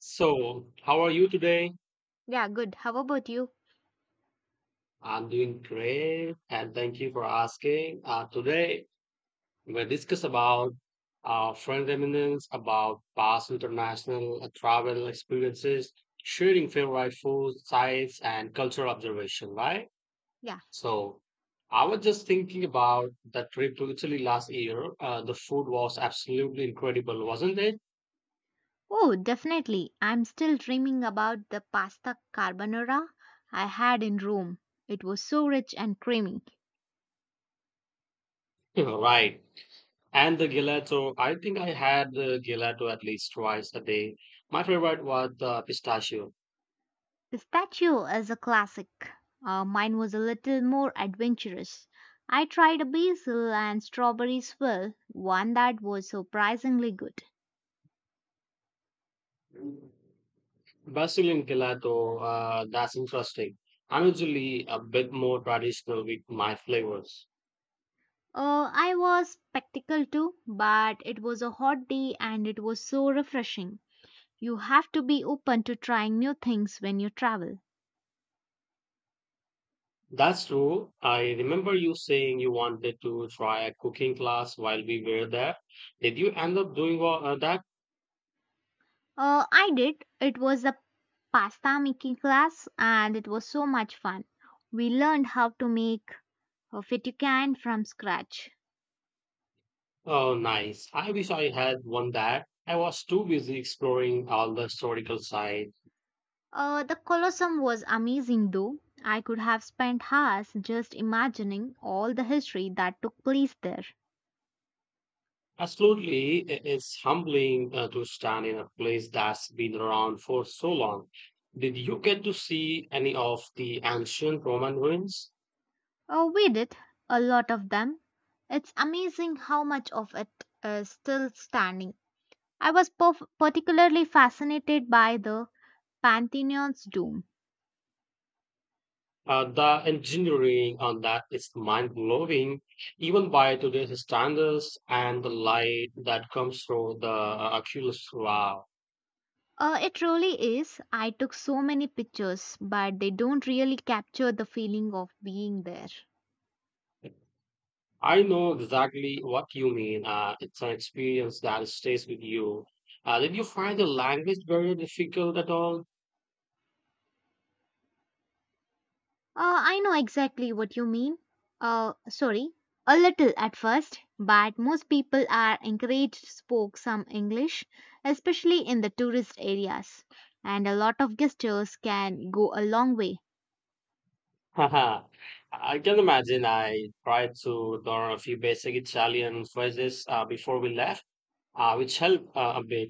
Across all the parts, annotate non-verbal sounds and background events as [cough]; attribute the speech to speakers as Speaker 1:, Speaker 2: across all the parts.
Speaker 1: So, how are you today?
Speaker 2: Yeah, good. How about you?
Speaker 1: I'm doing great, and thank you for asking. Today, we'll discuss about friend reminiscence, about past international travel experiences, sharing favorite foods, sites, and cultural observation, right?
Speaker 2: Yeah.
Speaker 1: So, I was just thinking about the trip to Italy last year. The food was absolutely incredible, wasn't it?
Speaker 2: Oh, definitely. I'm still dreaming about the pasta carbonara I had in Rome. It was so rich and creamy.
Speaker 1: [laughs] Right. And the gelato, I think I had the gelato at least twice a day. My favorite was the pistachio.
Speaker 2: Pistachio is a classic. Mine was a little more adventurous. I tried a basil and strawberry swirl, one that was surprisingly good.
Speaker 1: Brazilian gelato, that's interesting. I'm usually a bit more traditional with my flavors.
Speaker 2: I was spectacle too, but it was a hot day and it was so refreshing. You have to be open to trying new things when you travel.
Speaker 1: That's true. I remember you saying you wanted to try a cooking class while we were there. Did you end up doing all, that?
Speaker 2: I did. It was a pasta making class and it was so much fun. We learned how to make fettuccine from scratch.
Speaker 1: Oh, nice. I wish I had one that. I was too busy exploring all the historical sites.
Speaker 2: The Colosseum was amazing though. I could have spent hours just imagining all the history that took place there.
Speaker 1: Absolutely, it is humbling to stand in a place that's been around for so long. Did you get to see any of the ancient Roman ruins?
Speaker 2: Oh, we did, a lot of them. It's amazing how much of it is still standing. I was particularly fascinated by the Pantheon's dome.
Speaker 1: The engineering on that is mind blowing, even by today's standards, and the light that comes through the Oculus. Wow.
Speaker 2: It really is. I took so many pictures, but they don't really capture the feeling of being there.
Speaker 1: I know exactly what you mean. It's an experience that stays with you. Did you find the language very difficult at all?
Speaker 2: I know exactly what you mean. Sorry, a little at first, but most people are encouraged to speak some English, especially in the tourist areas. And a lot of gestures can go a long way.
Speaker 1: [laughs] Haha, I can imagine. I tried to learn a few basic Italian phrases before we left, which helped a bit.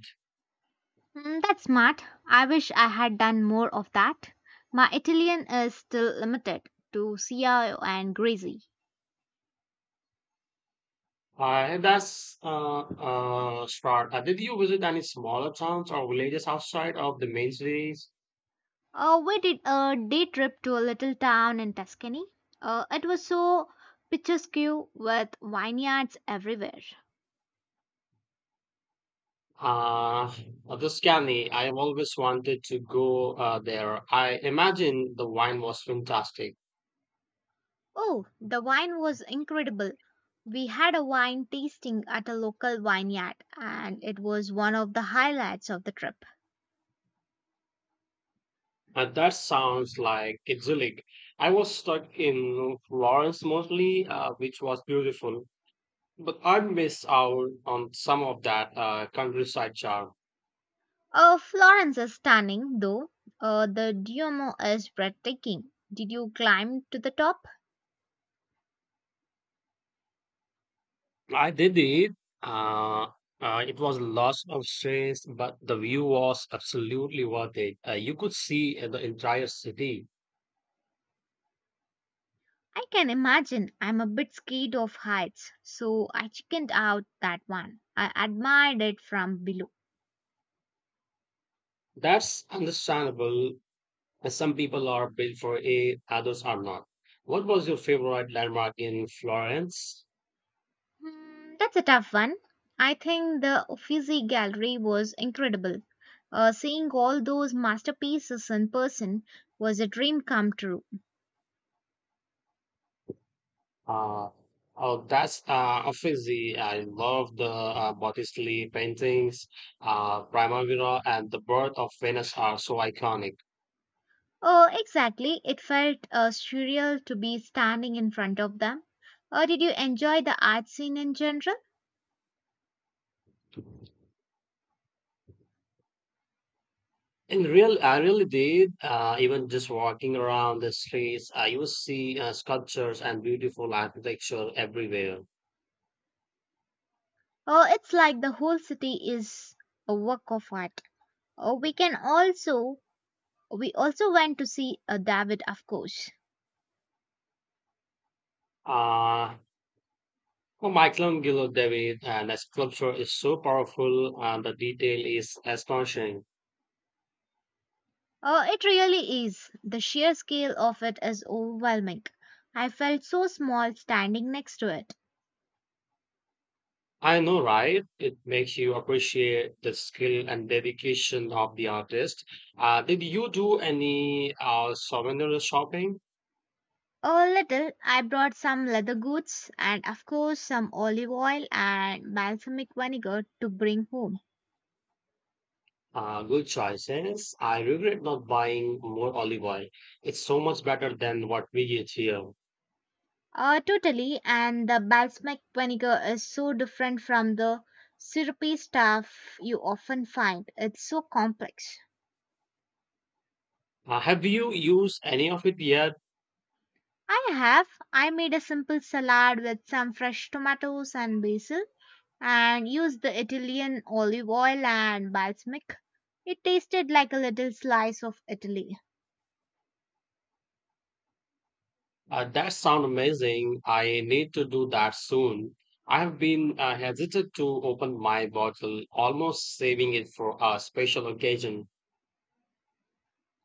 Speaker 2: Mm, that's smart. I wish I had done more of that. My Italian is still limited to Cia and Gracie.
Speaker 1: That's start. Did you visit any smaller towns or villages outside of the main cities?
Speaker 2: We did a day trip to a little town in Tuscany. It was so picturesque with vineyards everywhere.
Speaker 1: Uh, Tuscany, I have always wanted to go there. I imagine the wine was fantastic.
Speaker 2: Oh, the wine was incredible. We had a wine tasting at a local vineyard, and it was one of the highlights of the trip.
Speaker 1: That sounds like idyllic. I was stuck in Florence mostly, which was beautiful. But I miss out on some of that countryside charm.
Speaker 2: Florence is stunning, though. The Duomo is breathtaking. Did you climb to the top?
Speaker 1: I did it. Uh, it was lots of stress, but the view was absolutely worth it. You could see the entire city.
Speaker 2: I can imagine. I'm a bit scared of heights, so I chickened out that one. I admired it from below.
Speaker 1: That's understandable. Some people are built for it, others are not. What was your favorite landmark in Florence?
Speaker 2: Hmm, that's a tough one. I think the Uffizi Gallery was incredible. Seeing all those masterpieces in person was a dream come true.
Speaker 1: Uh, oh, that's obviously I love the Botticelli paintings. Primavera and the Birth of Venus are so iconic.
Speaker 2: Oh, exactly. It felt surreal to be standing in front of them. Did you enjoy the art scene in general?
Speaker 1: In real, I really did. Even just walking around the streets, you will see sculptures and beautiful architecture everywhere.
Speaker 2: Oh, it's like the whole city is a work of art. Oh, we can also We also went to see David, of course.
Speaker 1: Uh, for Michelangelo, David, and the sculpture is so powerful, and the detail is astonishing.
Speaker 2: It really is. The sheer scale of it is overwhelming. I felt so small standing next to it.
Speaker 1: I know, right? It makes you appreciate the skill and dedication of the artist. Did you do any souvenir shopping?
Speaker 2: A little, I brought some leather goods and, of course, some olive oil and balsamic vinegar to bring home.
Speaker 1: Good choices. I regret not buying more olive oil. It's so much better than what we get here.
Speaker 2: Totally, and the balsamic vinegar is so different from the syrupy stuff you often find. It's so complex.
Speaker 1: Have you used any of it yet?
Speaker 2: I have. I made a simple salad with some fresh tomatoes and basil and used the Italian olive oil and balsamic. It tasted like a little slice of Italy.
Speaker 1: That sounds amazing. I need to do that soon. I have been hesitant to open my bottle, almost saving it for a special occasion.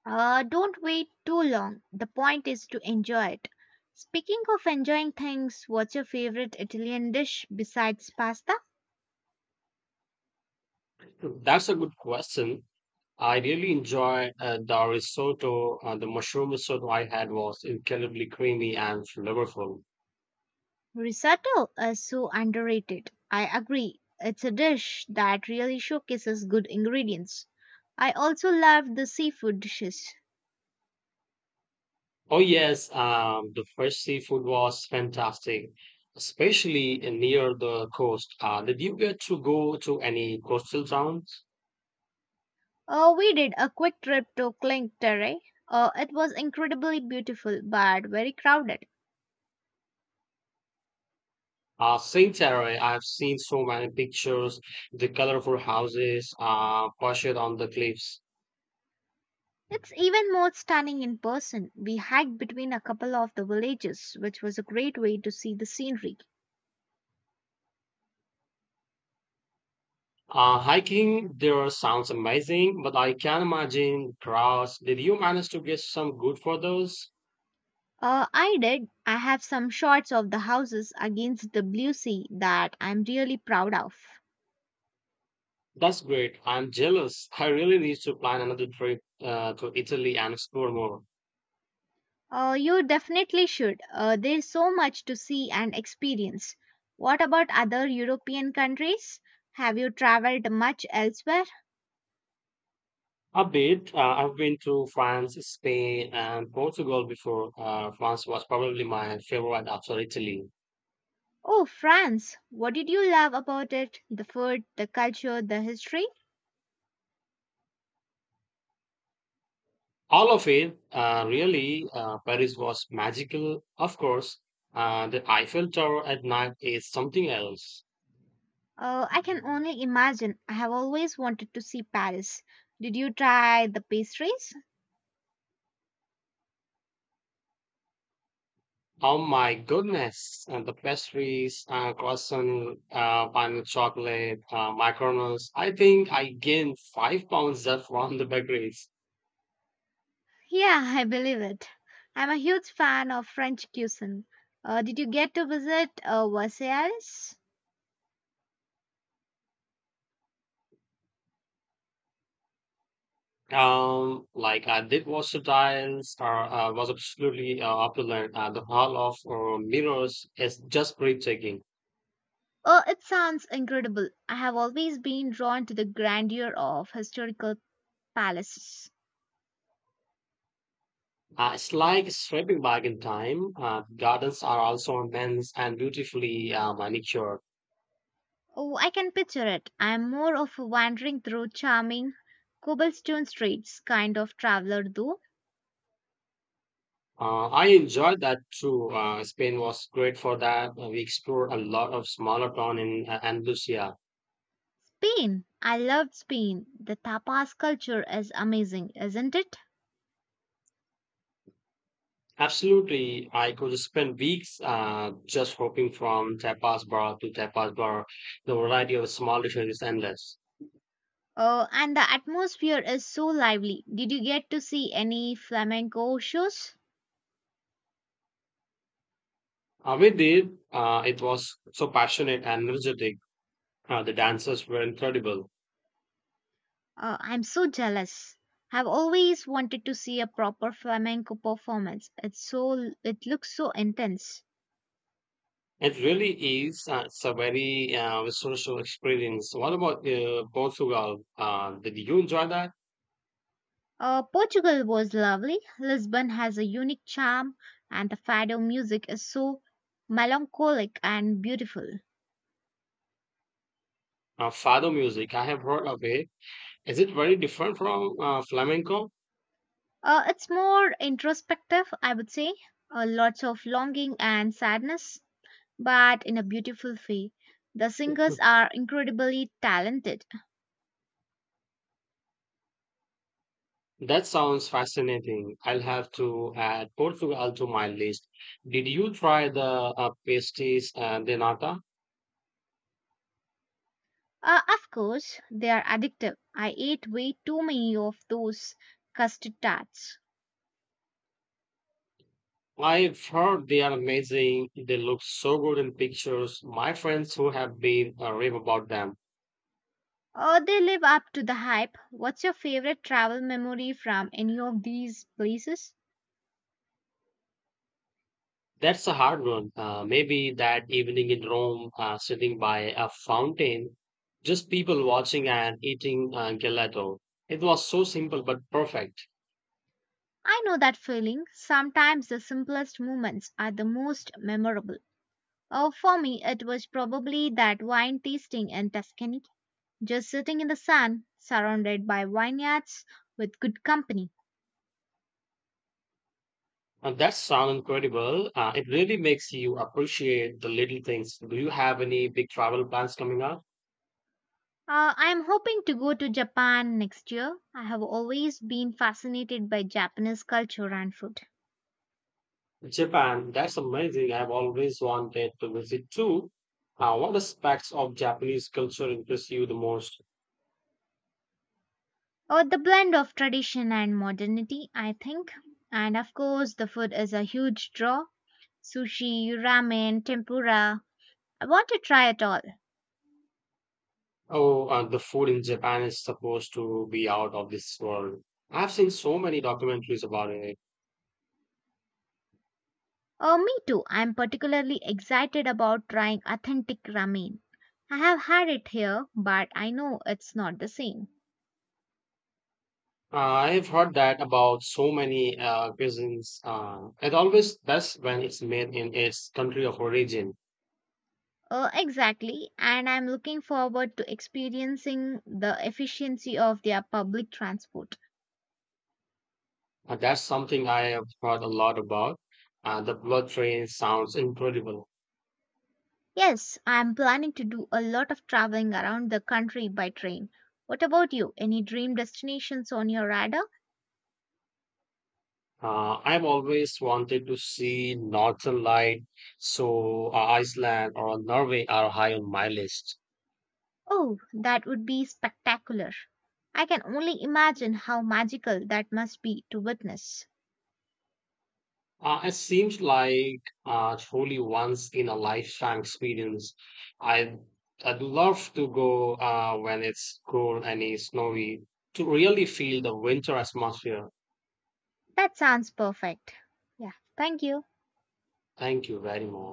Speaker 2: Don't wait too long. The point is to enjoy it. Speaking of enjoying things, what's your favorite Italian dish besides pasta?
Speaker 1: That's a good question. I really enjoy the risotto. The mushroom risotto I had was incredibly creamy and flavorful.
Speaker 2: Risotto is so underrated. I agree. It's a dish that really showcases good ingredients. I also love the seafood dishes.
Speaker 1: Oh yes, the fresh seafood was fantastic, especially in near the coast. Did you get to go to any coastal towns?
Speaker 2: We did a quick trip to Clinktera. It was incredibly beautiful but very crowded.
Speaker 1: Saint Terre, I've seen so many pictures, the colorful houses, perched on the cliffs.
Speaker 2: It's even more stunning in person. We hiked between a couple of the villages, which was a great way to see the scenery.
Speaker 1: Hiking there sounds amazing, but I can imagine crowds. Did you manage to get some good photos?
Speaker 2: I did. I have some shots of the houses against the blue sea that I'm really proud of.
Speaker 1: That's great. I'm jealous. I really need to plan another trip to Italy and explore more.
Speaker 2: You definitely should. There's so much to see and experience. What about other European countries? Have you traveled much elsewhere?
Speaker 1: A bit. I've been to France, Spain, and Portugal before. France was probably my favorite after Italy.
Speaker 2: Oh, France. What did you love about it? The food, the culture, the history?
Speaker 1: All of it, really, Paris was magical. Of course, the Eiffel Tower at night is something else.
Speaker 2: I can only imagine. I have always wanted to see Paris. Did you try the pastries?
Speaker 1: Oh my goodness! And the pastries, croissant, pineapple chocolate, macarons. I think I gained 5 pounds just from the bakeries.
Speaker 2: Yeah, [laughs] I believe it. I'm a huge fan of French cuisine. Did you get to visit Versailles?
Speaker 1: Like I did wash the tiles, or was absolutely opulent. The hall of mirrors is just breathtaking.
Speaker 2: Oh, it sounds incredible. I have always been drawn to the grandeur of historical palaces.
Speaker 1: It's like stepping back in time. Gardens are also immense and beautifully manicured.
Speaker 2: Oh, I can picture it. I'm more of a wandering through charming cobblestone streets kind of traveler though.
Speaker 1: I enjoyed that too. Spain was great for that. We explored a lot of smaller town in Andalusia.
Speaker 2: Spain. I loved Spain. The tapas culture is amazing, isn't it?
Speaker 1: Absolutely, I could spend weeks just hopping from tapas bar to tapas bar. The variety of small dishes is endless.
Speaker 2: Oh, and the atmosphere is so lively. Did you get to see any flamenco shows?
Speaker 1: We did. It was so passionate and energetic. The dancers were incredible.
Speaker 2: I'm so jealous. I've always wanted to see a proper flamenco performance. It's it looks so intense.
Speaker 1: It really is. It's a very social experience. What about Portugal? Did you enjoy that?
Speaker 2: Portugal was lovely. Lisbon has a unique charm, and the fado music is so melancholic and beautiful.
Speaker 1: Fado music. I have heard of it. Is it very different from flamenco?
Speaker 2: It's more introspective, I would say. Lots of longing and sadness, but in a beautiful way. The singers are incredibly talented.
Speaker 1: That sounds fascinating. I'll have to add Portugal to my list. Did you try the pasties de nata?
Speaker 2: Of course, they are addictive. I ate way too many of those custard tarts.
Speaker 1: I've heard they are amazing. They look so good in pictures. My friends who have been rave about them.
Speaker 2: Oh, they live up to the hype. What's your favorite travel memory from any of these places?
Speaker 1: That's a hard one. Maybe that evening in Rome, sitting by a fountain, just people watching and eating gelato. It was so simple but perfect.
Speaker 2: I know that feeling. Sometimes the simplest moments are the most memorable. Oh, for me, it was probably that wine tasting in Tuscany, just sitting in the sun, surrounded by vineyards with good company.
Speaker 1: And that sounds incredible. It really makes you appreciate the little things. Do you have any big travel plans coming up?
Speaker 2: I am hoping to go to Japan next year. I have always been fascinated by Japanese culture and food.
Speaker 1: Japan, that's amazing. I've always wanted to visit too. What aspects of Japanese culture interest you the most?
Speaker 2: Or the blend of tradition and modernity, I think. And of course, the food is a huge draw sushi, ramen, tempura. I want to try it all.
Speaker 1: Oh, the food in Japan is supposed to be out of this world. I've seen so many documentaries about it.
Speaker 2: Oh, me too. I'm particularly excited about trying authentic ramen. I have had it here, but I know it's not the same.
Speaker 1: I've heard that about so many cuisines. It always best when it's made in its country of origin.
Speaker 2: Exactly, and I'm looking forward to experiencing the efficiency of their public transport.
Speaker 1: That's something I have heard a lot about. The blood train sounds incredible.
Speaker 2: Yes, I'm planning to do a lot of traveling around the country by train. What about you? Any dream destinations on your radar?
Speaker 1: I've always wanted to see Northern Light, so Iceland or Norway are high on my list.
Speaker 2: Oh, that would be spectacular. I can only imagine how magical that must be to witness.
Speaker 1: It seems like truly once in a lifetime experience. I I'd love to go when it's cold and it's snowy to really feel the winter atmosphere.
Speaker 2: That sounds perfect. Yeah, thank you.
Speaker 1: Thank you very much.